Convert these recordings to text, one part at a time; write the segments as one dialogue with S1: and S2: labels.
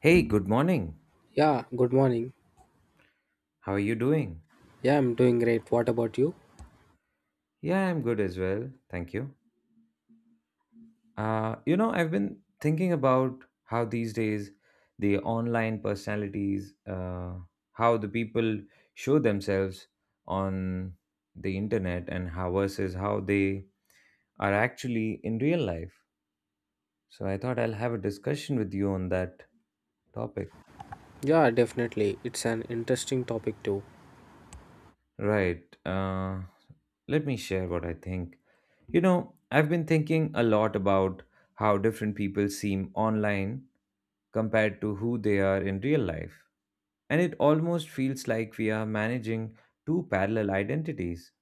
S1: Hey, good morning.
S2: Yeah, good morning.
S1: How are you doing?
S2: Yeah, I'm doing great. What about you?
S1: Yeah, I'm good as well. Thank you. I've been thinking about how these days the online personalities, how the people show themselves on the internet and how versus how they are actually in real life. So I thought I'll have a discussion with you on that topic.
S2: Yeah, definitely. It's an interesting topic too.
S1: Right. Let me share what I think. You know, I've been thinking a lot about how different people seem online compared to who they are in real life. And it almost feels like we are managing two parallel identities.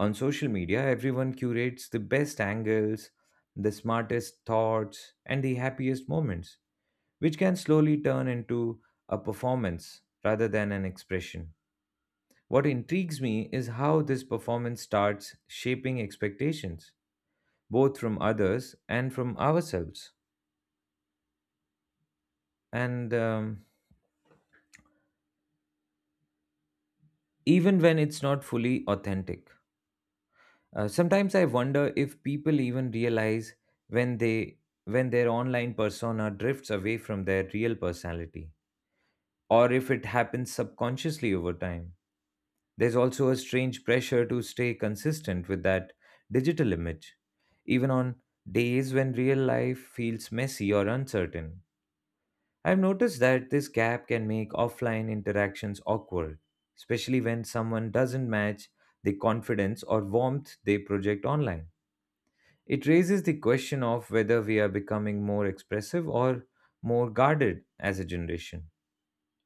S1: On social media, everyone curates the best angles, the smartest thoughts, and the happiest moments, which can slowly turn into a performance rather than an expression. What intrigues me is how this performance starts shaping expectations both from others and from ourselves, and even when it's not fully authentic. Sometimes I wonder if people even realize when they when their online persona drifts away from their real personality, or if it happens subconsciously over time. There's also a strange pressure to stay consistent with that digital image, even on days when real life feels messy or uncertain. I've noticed that this gap can make offline interactions awkward, especially when someone doesn't match the confidence or warmth they project online. It raises the question of whether we are becoming more expressive or more guarded as a generation.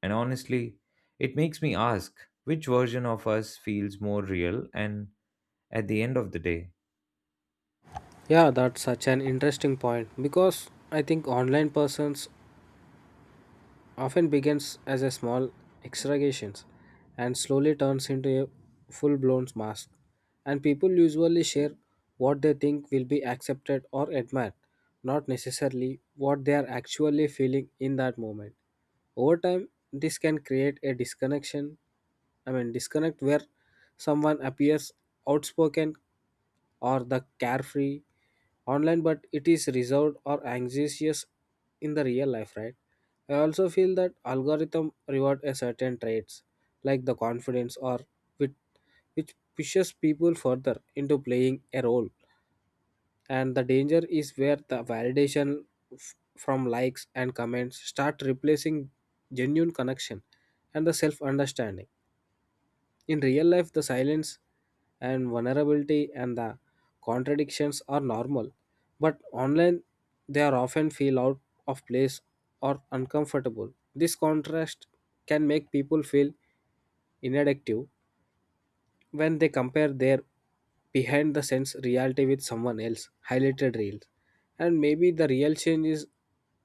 S1: And honestly, it makes me ask which version of us feels more real and at the end of the day.
S2: Yeah, that's such an interesting point because I think online persons often begins as a small exaggeration and slowly turns into a full blown mass. And people usually share what they think will be accepted or admired, not necessarily what they are actually feeling in that moment. Over time, this can create a disconnect where someone appears outspoken or the carefree online, but it is reserved or anxious in the real life, right? I also feel that algorithm reward a certain traits like the confidence or wit, which pushes people further into playing a role. And the danger is where the validation from likes and comments start replacing genuine connection and the self understanding. In real life, the silence and vulnerability and the contradictions are normal, but online they are often feel out of place or uncomfortable. This contrast can make people feel inadequate when they compare their behind the scenes reality with someone else highlighted reels. And maybe the real change is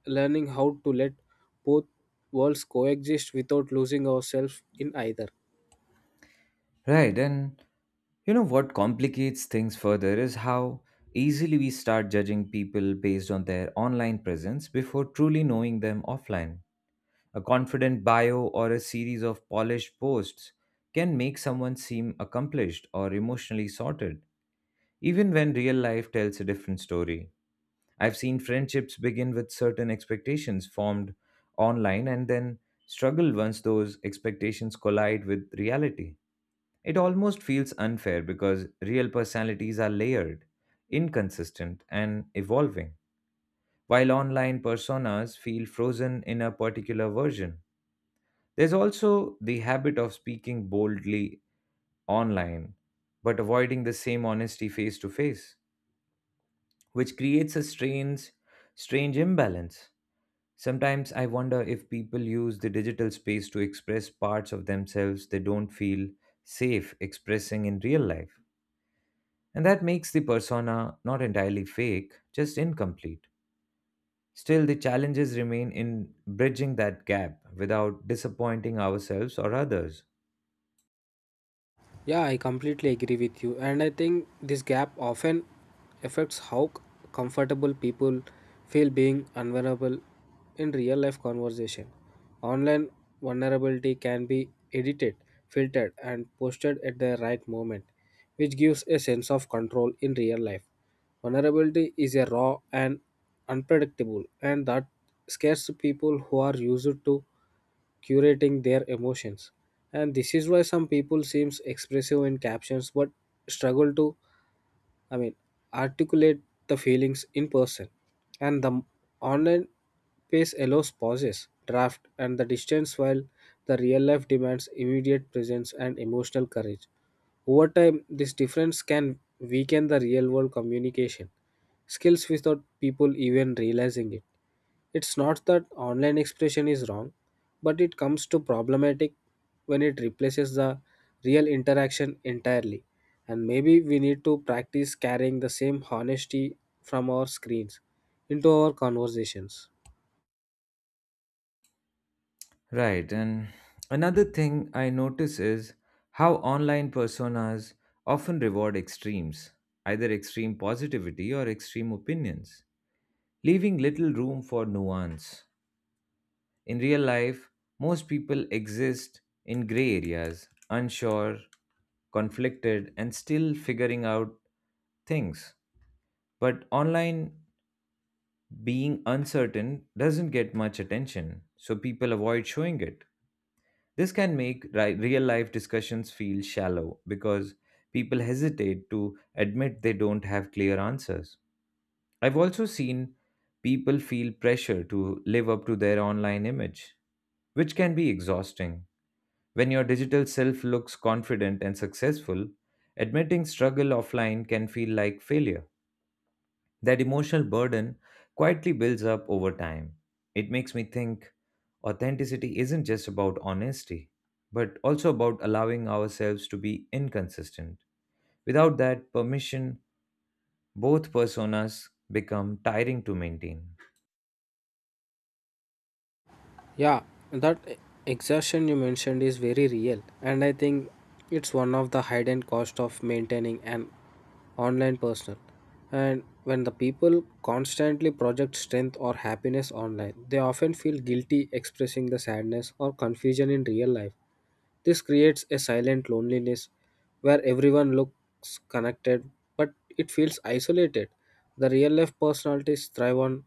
S2: learning how to let both worlds coexist without losing ourselves in either.
S1: Right, and you know what complicates things further is how easily we start judging people based on their online presence before truly knowing them offline. A confident bio or a series of polished posts can make someone seem accomplished or emotionally sorted, even when real life tells a different story. I've seen friendships begin with certain expectations formed online and then struggle once those expectations collide with reality. It almost feels unfair because real personalities are layered, inconsistent, and evolving, while online personas feel frozen in a particular version. There's also the habit of speaking boldly online, but avoiding the same honesty face to face, which creates a strange imbalance. Sometimes I wonder if people use the digital space to express parts of themselves they don't feel safe expressing in real life. And that makes the persona not entirely fake, just incomplete. Still, the challenges remain in bridging that gap without disappointing ourselves or others.
S2: Yeah, I completely agree with you. And I think this gap often affects how comfortable people feel being vulnerable in real life conversation. Online vulnerability can be edited, filtered, and posted at the right moment, which gives a sense of control in real life. Vulnerability is a raw and unpredictable, and that scares people who are used to curating their emotions, and this is why some people seems expressive in captions but struggle to i mean articulate the feelings in person. And the online pace allows pauses draft and the distance, while the real life demands immediate presence and emotional courage. Over time, this difference can weaken the real world communication skills without people even realizing it. It's not that online expression is wrong, but it comes to problematic when it replaces the real interaction entirely. And maybe we need to practice carrying the same honesty from our screens into our conversations.
S1: Right, and another thing I notice is how online personas often reward extremes, either extreme positivity or extreme opinions, leaving little room for nuance. In real life, most people exist in gray areas, unsure, conflicted, and still figuring out things. But online, being uncertain doesn't get much attention, so people avoid showing it. This can make real life discussions feel shallow because people hesitate to admit they don't have clear answers. I've also seen people feel pressure to live up to their online image, which can be exhausting. When your digital self looks confident and successful, admitting struggle offline can feel like failure. That emotional burden quietly builds up over time. It makes me think authenticity isn't just about honesty, but also about allowing ourselves to be inconsistent. Without that permission, both personas become tiring to maintain.
S2: Yeah, that exhaustion you mentioned is very real, and I think it's one of the hidden cost of maintaining an online personal. And when the people constantly project strength or happiness online, they often feel guilty expressing the sadness or confusion in real life. This creates a silent loneliness where everyone looks connected but it feels isolated. The real life personalities thrive on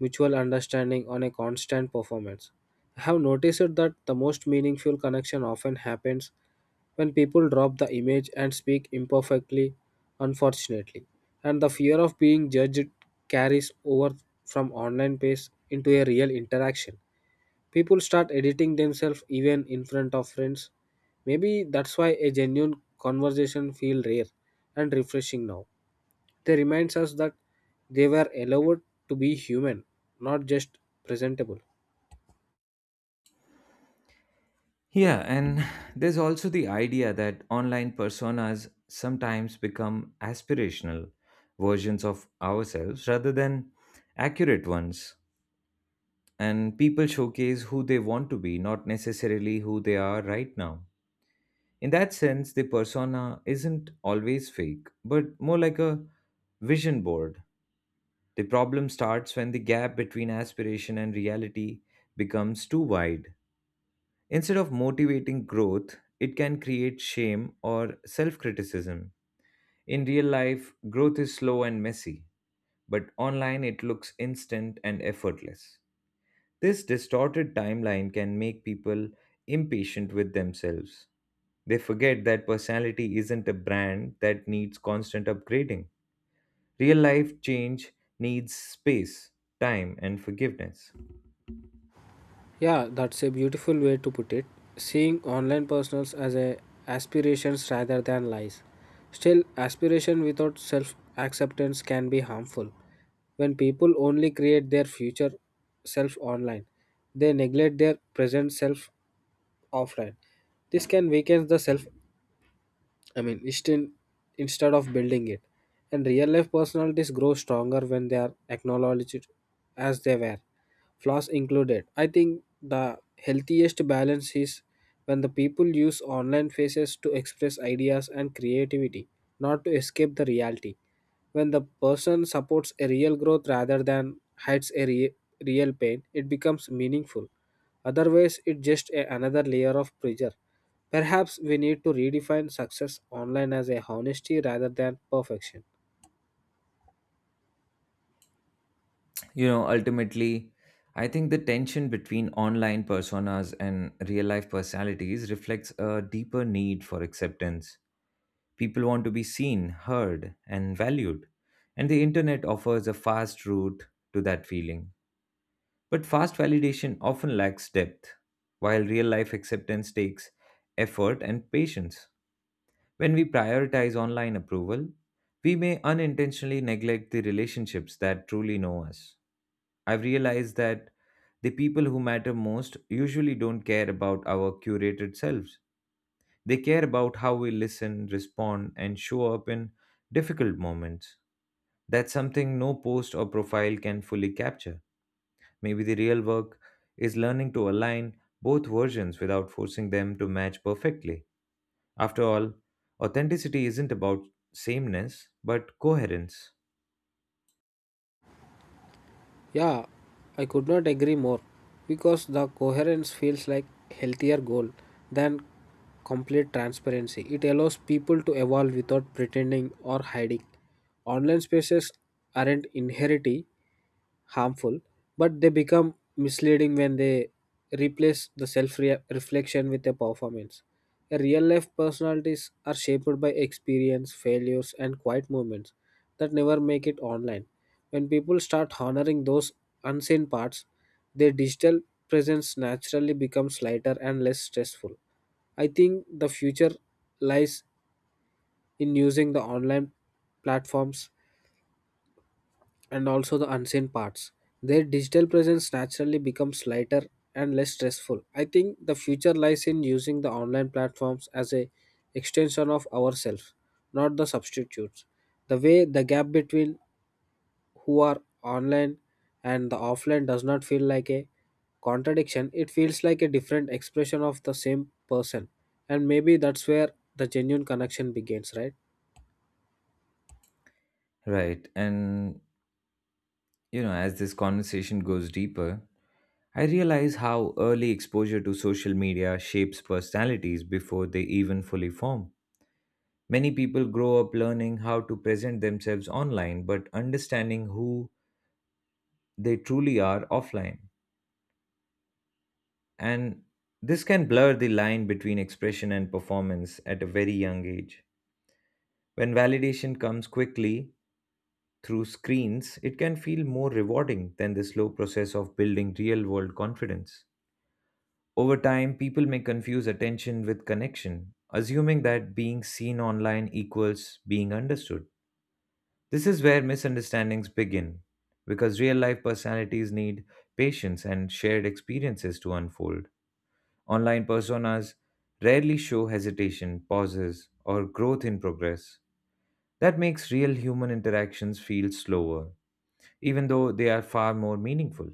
S2: mutual understanding on a constant performance. I have noticed that the most meaningful connection often happens when people drop the image and speak imperfectly, unfortunately, and the fear of being judged carries over from online space into a real interaction. People start editing themselves even in front of friends. Maybe that's why a genuine conversation feels rare and refreshing now. They reminds us that they were allowed to be human, not just presentable.
S1: Yeah, and there's also the idea that online personas sometimes become aspirational versions of ourselves rather than accurate ones. And people showcase who they want to be, not necessarily who they are right now. In that sense, the persona isn't always fake, but more like a vision board. The problem starts when the gap between aspiration and reality becomes too wide. Instead of motivating growth, it can create shame or self criticism. In real life, growth is slow and messy, but online it looks instant and effortless. This distorted timeline can make people impatient with themselves. They forget that personality isn't a brand that needs constant upgrading. Real life change needs space, time, and forgiveness.
S2: Yeah, that's a beautiful way to put it. Seeing online personals as a aspirations rather than lies. Still, aspiration without self acceptance can be harmful. When people only create their future self online, they neglect their present self offline. This can weaken the self I mean, instead, instead of building it. And real life personalities grow stronger when they are acknowledged as they were, flaws included. I think the healthiest balance is when the people use online faces to express ideas and creativity, not to escape the reality. When the person supports a real growth rather than hides a real pain, it becomes meaningful. Otherwise, it's just another layer of pressure. Perhaps we need to redefine success online as a honesty rather than perfection.
S1: You know, ultimately I think the tension between online personas and real life personalities reflects a deeper need for acceptance. People want to be seen, heard, and valued, and the internet offers a fast route to that feeling. But fast validation often lacks depth, while real life acceptance takes effort and patience. When we prioritize online approval, we may unintentionally neglect the relationships that truly know us. I've realized that the people who matter most usually don't care about our curated selves. They care about how we listen, respond, and show up in difficult moments. That's something no post or profile can fully capture. Maybe the real work is learning to align both versions without forcing them to match perfectly. After all, authenticity isn't about sameness, but coherence.
S2: Yeah, I could not agree more because the coherence feels like healthier goal than complete transparency. It allows people to evolve without pretending or hiding. Online spaces aren't inherently harmful, but they become misleading when they replace the self reflection with a performance. A real life personalities are shaped by experience, failures, and quiet moments that never make it online. When people start honoring those unseen parts, their digital presence naturally becomes lighter and less stressful. I think the future lies in using the online platforms and also the unseen parts. Their digital presence naturally becomes lighter and less stressful. I think the future lies in using the online platforms as a extension of ourselves, not the substitutes. The way the gap between who are online and the offline does not feel like a contradiction, it feels like a different expression of the same person. And maybe that's where the genuine connection begins, right?
S1: Right. And, you know, as this conversation goes deeper, I realize how early exposure to social media shapes personalities before they even fully form. Many people grow up learning how to present themselves online but understanding who they truly are offline. And this can blur the line between expression and performance at a very young age. When validation comes quickly through screens, it can feel more rewarding than the slow process of building real world confidence. Over time, people may confuse attention with connection, assuming that being seen online equals being understood. This is where misunderstandings begin, because real life personalities need patience and shared experiences to unfold. Online personas rarely show hesitation, pauses, or growth in progress. That makes real human interactions feel slower, even though they are far more meaningful.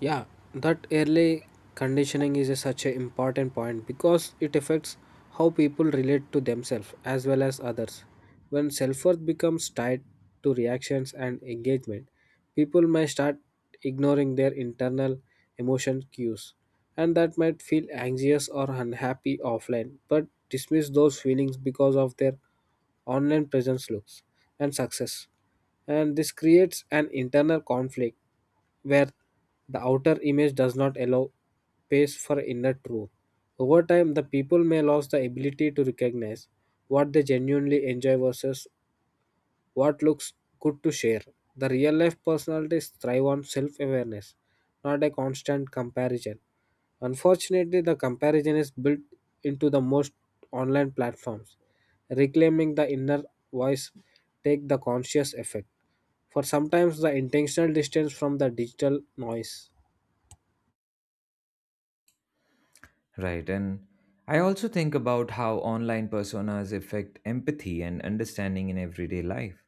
S2: Yeah, that early conditioning is a such an important point because it affects how people relate to themselves as well as others. When self worth becomes tied to reactions and engagement, people may start ignoring their internal emotion cues, and that might feel anxious or unhappy offline, but dismiss those feelings because of their online presence looks and success. And this creates an internal conflict where the outer image does not allow space for inner truth. Over time, the people may lose the ability to recognize what they genuinely enjoy versus what looks good to share. The real life personalities thrive on self awareness, not a constant comparison. Unfortunately, the comparison is built into the most online platforms. Reclaiming the inner voice take the conscious effect. For sometimes the intentional distance from the digital noise.
S1: Right. And I also think about how online personas affect empathy and understanding in everyday life.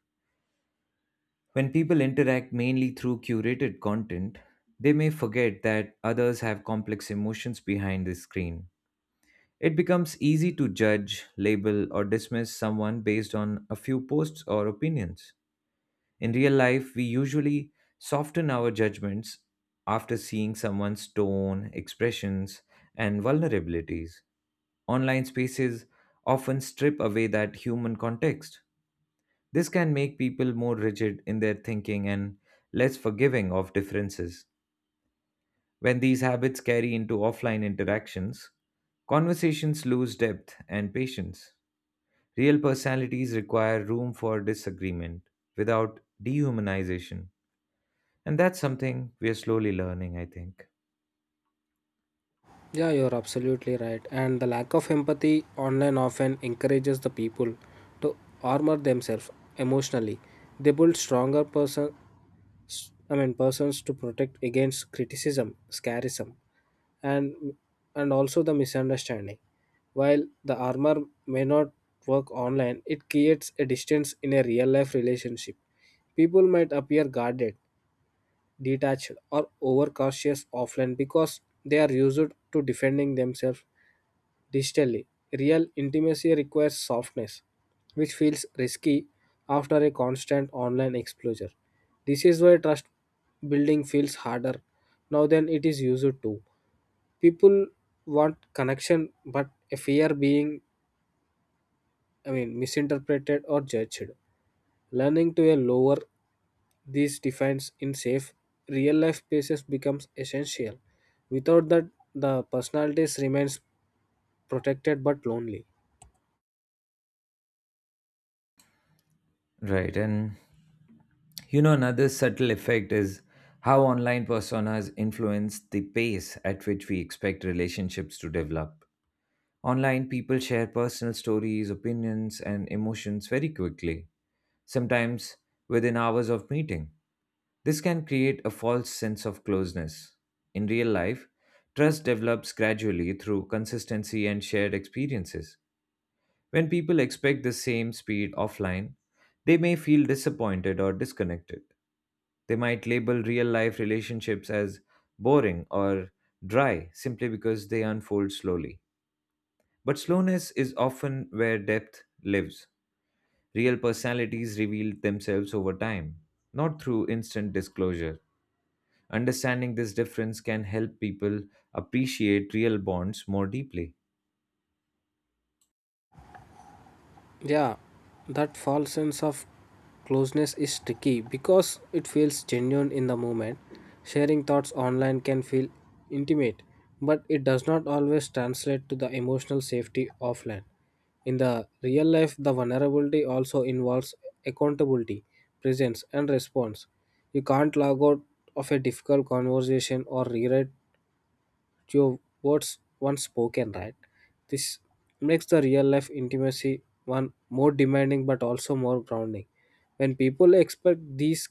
S1: When people interact mainly through curated content, they may forget that others have complex emotions behind the screen. It becomes easy to judge, label, or dismiss someone based on a few posts or opinions. In real life, we usually soften our judgments after seeing someone's tone, expressions, and vulnerabilities. Online spaces often strip away that human context. This can make people more rigid in their thinking and less forgiving of differences. When these habits carry into offline interactions, conversations lose depth and patience. Real personalities require room for disagreement without dehumanization. And that's something we are slowly learning, I think.
S2: Yeah, you're absolutely right. And the lack of empathy online often encourages the people to armor themselves emotionally. They build stronger persons to protect against criticism, scarism, and also the misunderstanding. While the armor may not work online, it creates a distance in a real life relationship. People might appear guarded, detached, or overcautious offline because they are used to defending themselves digitally. Real intimacy requires softness, which feels risky after a constant online exposure. This is why trust building feels harder now than it is used to. People want connection but fear being misinterpreted or judged. Learning to a lower these defines in safe real life spaces becomes essential. Without that, the personalities remains protected but lonely.
S1: Right. And you know, another subtle effect is how online personas influence the pace at which we expect relationships to develop. Online, people share personal stories, opinions, and emotions very quickly, sometimes within hours of meeting. This can create a false sense of closeness. In real life, trust develops gradually through consistency and shared experiences. When people expect the same speed offline, they may feel disappointed or disconnected. They might label real life relationships as boring or dry simply because they unfold slowly. But slowness is often where depth lives. Real personalities reveal themselves over time, not through instant disclosure. Understanding this difference can help people appreciate real bonds more deeply.
S2: Yeah, that false sense of closeness is tricky because it feels genuine in the moment. Sharing thoughts online can feel intimate, but it does not always translate to the emotional safety offline. In the real life, the vulnerability also involves accountability, presence, and response. You can't log out of a difficult conversation or rewrite your words once spoken, right? This makes the real life intimacy one more demanding but also more grounding. When people expect these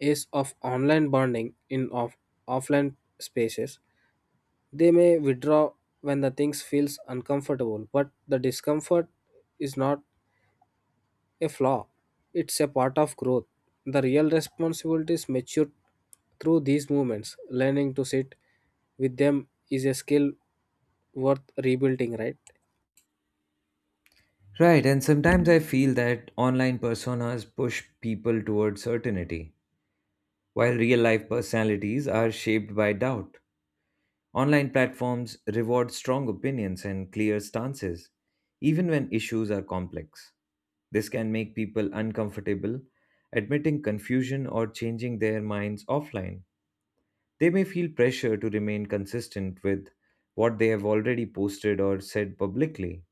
S2: is of online bonding in offline spaces, they may withdraw when the things feels uncomfortable, but the discomfort is not a flaw. It's a part of growth. The real responsibilities mature through these movements. Learning to sit with them is a skill worth rebuilding, right?
S1: Right, and sometimes I feel that online personas push people towards certainty, while real life personalities are shaped by doubt. Online platforms reward strong opinions and clear stances, even when issues are complex. This can make people uncomfortable admitting confusion or changing their minds offline. They may feel pressure to remain consistent with what they have already posted or said publicly,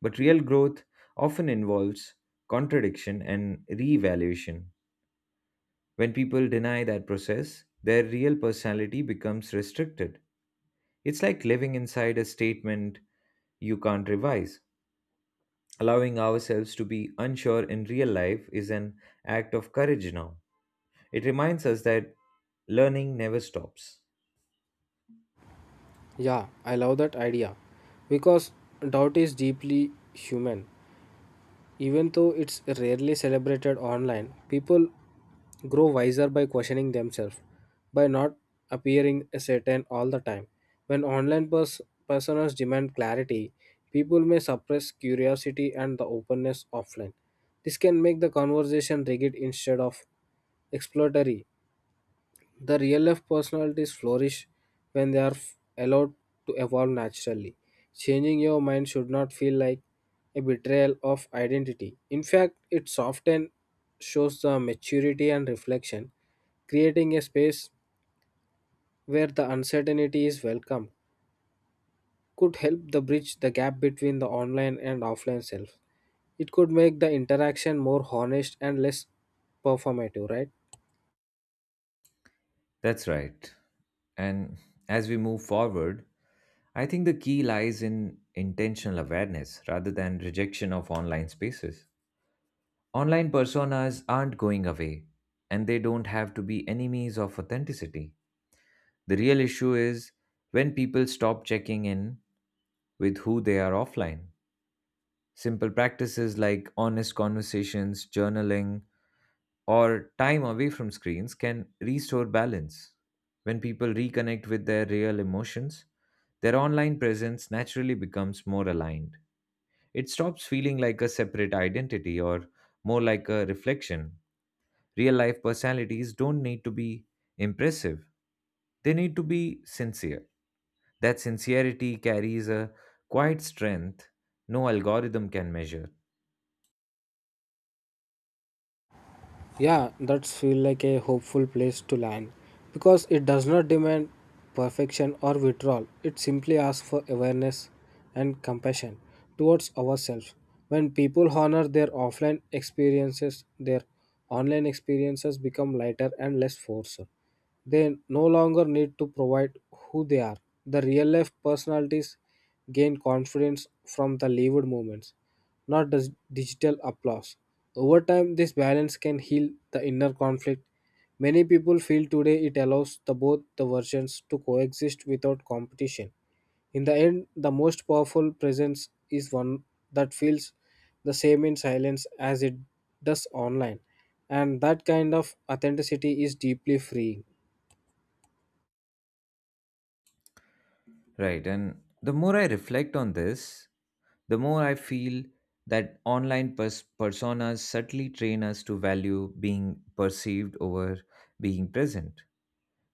S1: but real growth often involves contradiction and reevaluation. When people deny that process, their real personality becomes restricted. It's like living inside a statement you can't revise. Allowing ourselves to be unsure in real life is an act of courage now. It reminds us that learning never stops.
S2: Yeah, I love that idea because doubt is deeply human. Even though it's rarely celebrated online, people grow wiser by questioning themselves, by not appearing certain all the time. When online personas demand clarity, people may suppress curiosity and the openness offline. This can make the conversation rigid instead of exploratory. The real life personalities flourish when they are allowed to evolve naturally. Changing your mind should not feel like a betrayal of identity. In fact, it often shows the maturity and reflection. Creating a space where the uncertainty is welcome could help the bridge the gap between the online and offline self. It could make the interaction more honest and less performative, right?
S1: That's right. And as we move forward, I think the key lies in intentional awareness rather than rejection of online spaces. Online personas aren't going away, and they don't have to be enemies of authenticity. The real issue is when people stop checking in with who they are offline. Simple practices like honest conversations, journaling, or time away from screens can restore balance. When people reconnect with their real emotions, their online presence naturally becomes more aligned. It stops feeling like a separate identity or more like a reflection. Real life personalities don't need to be impressive, they need to be sincere. That sincerity carries a quiet strength no algorithm can measure.
S2: Yeah, that's feel like a hopeful place to land because it does not demand perfection or withdrawal. It simply asks for awareness and compassion towards ourselves. When people honor their offline experiences, their online experiences become lighter and less forceful. They no longer need to provide who they are. The real life personalities gain confidence from the lived moments, not digital applause. Over time, this balance can heal the inner conflict. Many people feel today it allows the both the versions to coexist without competition. In the end, the most powerful presence is one that feels the same in silence as it does online, and that kind of authenticity is deeply freeing.
S1: Right. And the more I reflect on this, the more I feel that online personas subtly train us to value being perceived over being present.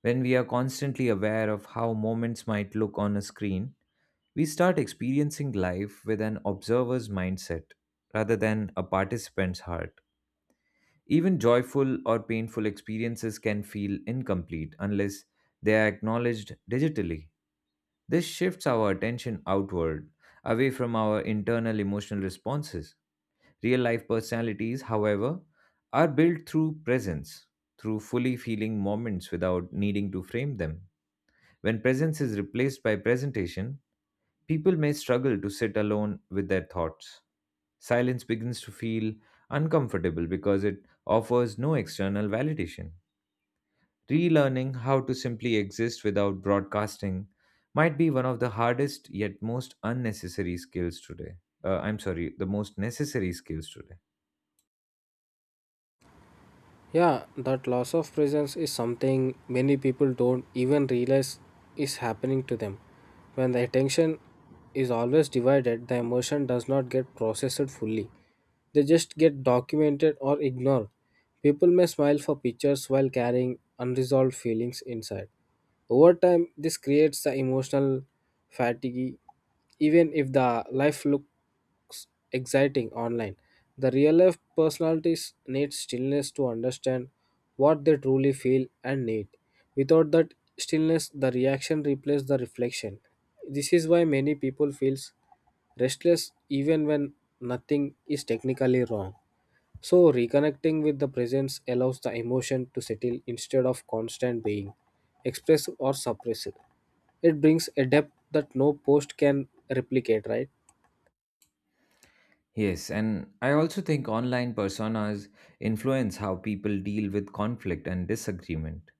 S1: When we are constantly aware of how moments might look on a screen, we start experiencing life with an observer's mindset rather than a participant's heart. Even joyful or painful experiences can feel incomplete unless they are acknowledged digitally. This shifts our attention outward, away from our internal emotional responses. Real life personalities, however, are built through presence, through fully feeling moments without needing to frame them. When presence is replaced by presentation, people may struggle to sit alone with their thoughts. Silence begins to feel uncomfortable because it offers no external validation. Relearning how to simply exist without broadcasting might be one of the hardest yet most unnecessary skills today. I'm sorry, the most necessary skills today.
S2: Yeah, that loss of presence is something many people don't even realize is happening to them. When the attention is always divided, the emotion does not get processed fully. They just get documented or ignored. People may smile for pictures while carrying unresolved feelings inside. Over time, this creates the emotional fatigue, even if the life look exciting online. The real life personalities need stillness to understand what they truly feel and need. Without that stillness, the reaction replaces the reflection. This is why many people feels restless even when nothing is technically wrong. So reconnecting with the presence allows the emotion to settle instead of constant being expressed or suppressed. It brings a depth that no post can replicate, right?
S1: Yes, and I also think online personas influence how people deal with conflict and disagreement.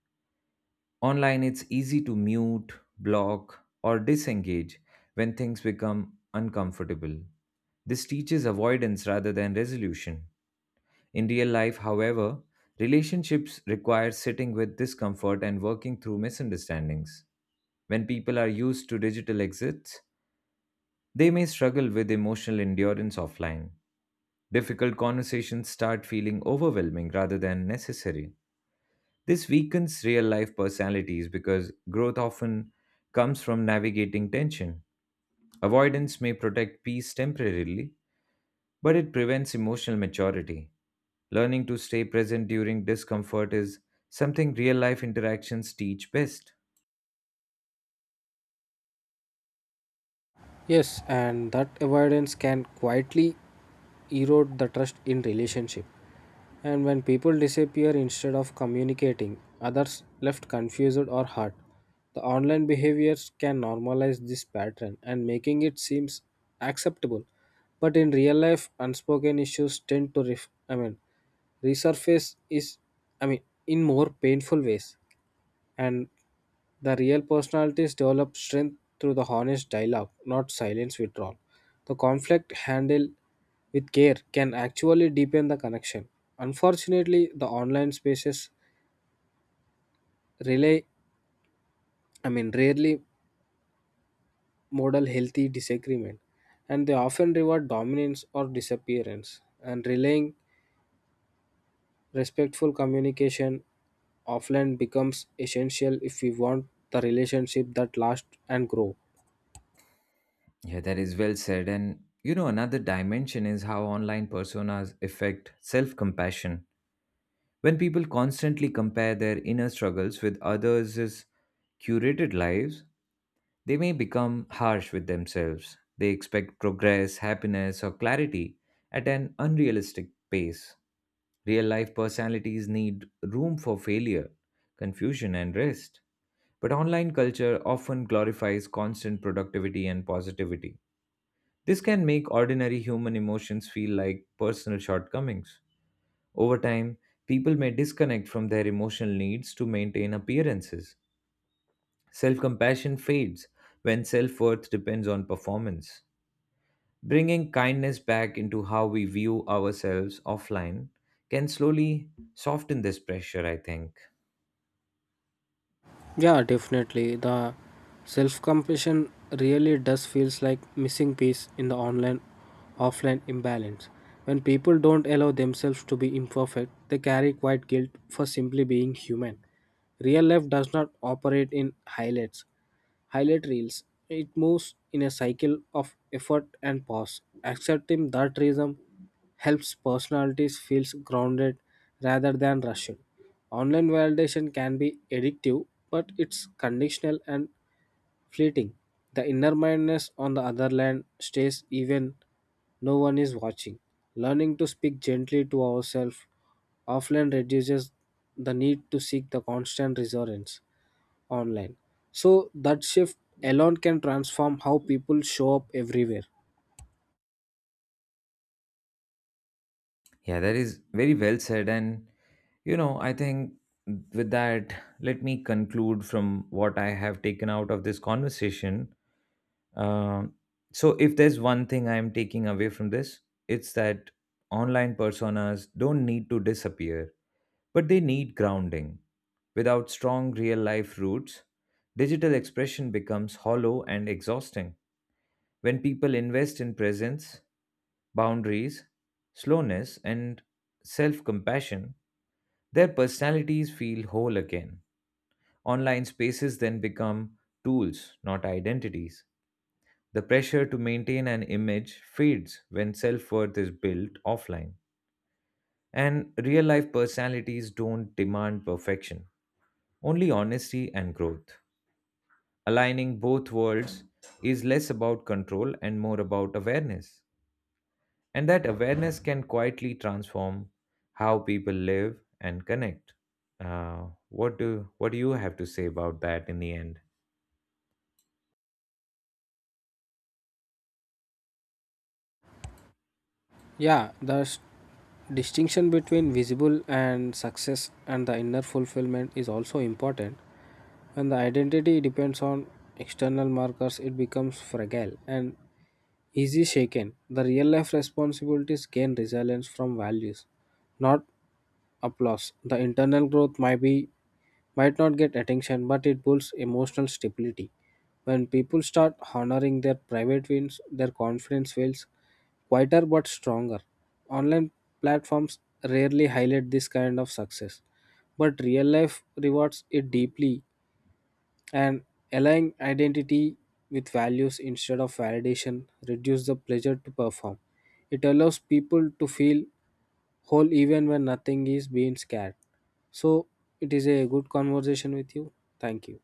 S1: Online, it's easy to mute, block, or disengage when things become uncomfortable. This teaches avoidance rather than resolution. In real life, however, relationships require sitting with discomfort and working through misunderstandings. When people are used to digital exits, they may struggle with emotional endurance offline. Difficult conversations start feeling overwhelming rather than necessary. This weakens real life personalities because growth often comes from navigating tension. Avoidance may protect peace temporarily, but it prevents emotional maturity. Learning to stay present during discomfort is something real life interactions teach best.
S2: Yes, and that avoidance can quietly erode the trust in relationship. And when people disappear instead of communicating, others left confused or hurt. The online behaviors can normalize this pattern and making it seems acceptable. But in real life, unspoken issues tend to ref- I mean, resurface is I mean in more painful ways, and the real personalities develop strength through the honest dialogue, not silence withdrawal. The conflict handled with care can actually deepen the connection. Unfortunately, the online spaces rely, rarely model healthy disagreement, and they often reward dominance or disappearance. And relaying respectful communication offline becomes essential if we want the relationship that lasts and grows.
S1: Yeah, that is well said. And you know, another dimension is how online personas affect self compassion. When people constantly compare their inner struggles with others' curated lives, they may become harsh with themselves. They expect progress, happiness, or clarity at an unrealistic pace. Real life personalities need room for failure, confusion, and rest. But online culture often glorifies constant productivity and positivity. This can make ordinary human emotions feel like personal shortcomings. Over time, people may disconnect from their emotional needs to maintain appearances. Self compassion fades when self worth depends on performance. Bringing kindness back into how we view ourselves offline can slowly soften this pressure, I think.
S2: Yeah, definitely. The self-compassion really does feels like missing piece in the online offline imbalance. When people don't allow themselves to be imperfect, they carry quiet guilt for simply being human. Real life does not operate in highlight reels. It moves in a cycle of effort and pause. Accepting that rhythm helps personalities feel grounded rather than rushed. Online validation can be addictive, but it's conditional and fleeting. The inner mindness on the other hand stays even no one is watching. Learning to speak gently to ourselves offline reduces the need to seek the constant reassurance online. So that shift alone can transform how people show up everywhere.
S1: Yeah, that is very well said. And, you know, I think with that, let me conclude from what I have taken out of this conversation. Um, so, if there's one thing I'm taking away from this, it's that online personas don't need to disappear but they need grounding. Without strong real life roots, digital expression becomes hollow and exhausting. When people invest in presence, boundaries, slowness, and self compassion, their personalities feel whole again. Online spaces then become tools, not identities. The pressure to maintain an image fades when self worth is built offline. And real life personalities don't demand perfection, only honesty and growth. Aligning both worlds is less about control and more about awareness. And that awareness can quietly transform how people live and connect. What do you have to say about that in the end?
S2: Yeah, the distinction between visible and success and the inner fulfillment is also important. When the identity depends on external markers, it becomes fragile and easy shaken. The real life responsibilities gain resilience from values, not applause. The internal growth might be might not get attention, but it builds emotional stability. When people start honoring their private wins, their confidence feels quieter but stronger. Online platforms rarely highlight this kind of success, but real life rewards it deeply. And aligning identity with values instead of validation reduces the pleasure to perform. It allows people to feel whole even when nothing is being scared. So it is a good conversation with you. Thank you.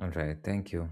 S1: All right, thank you.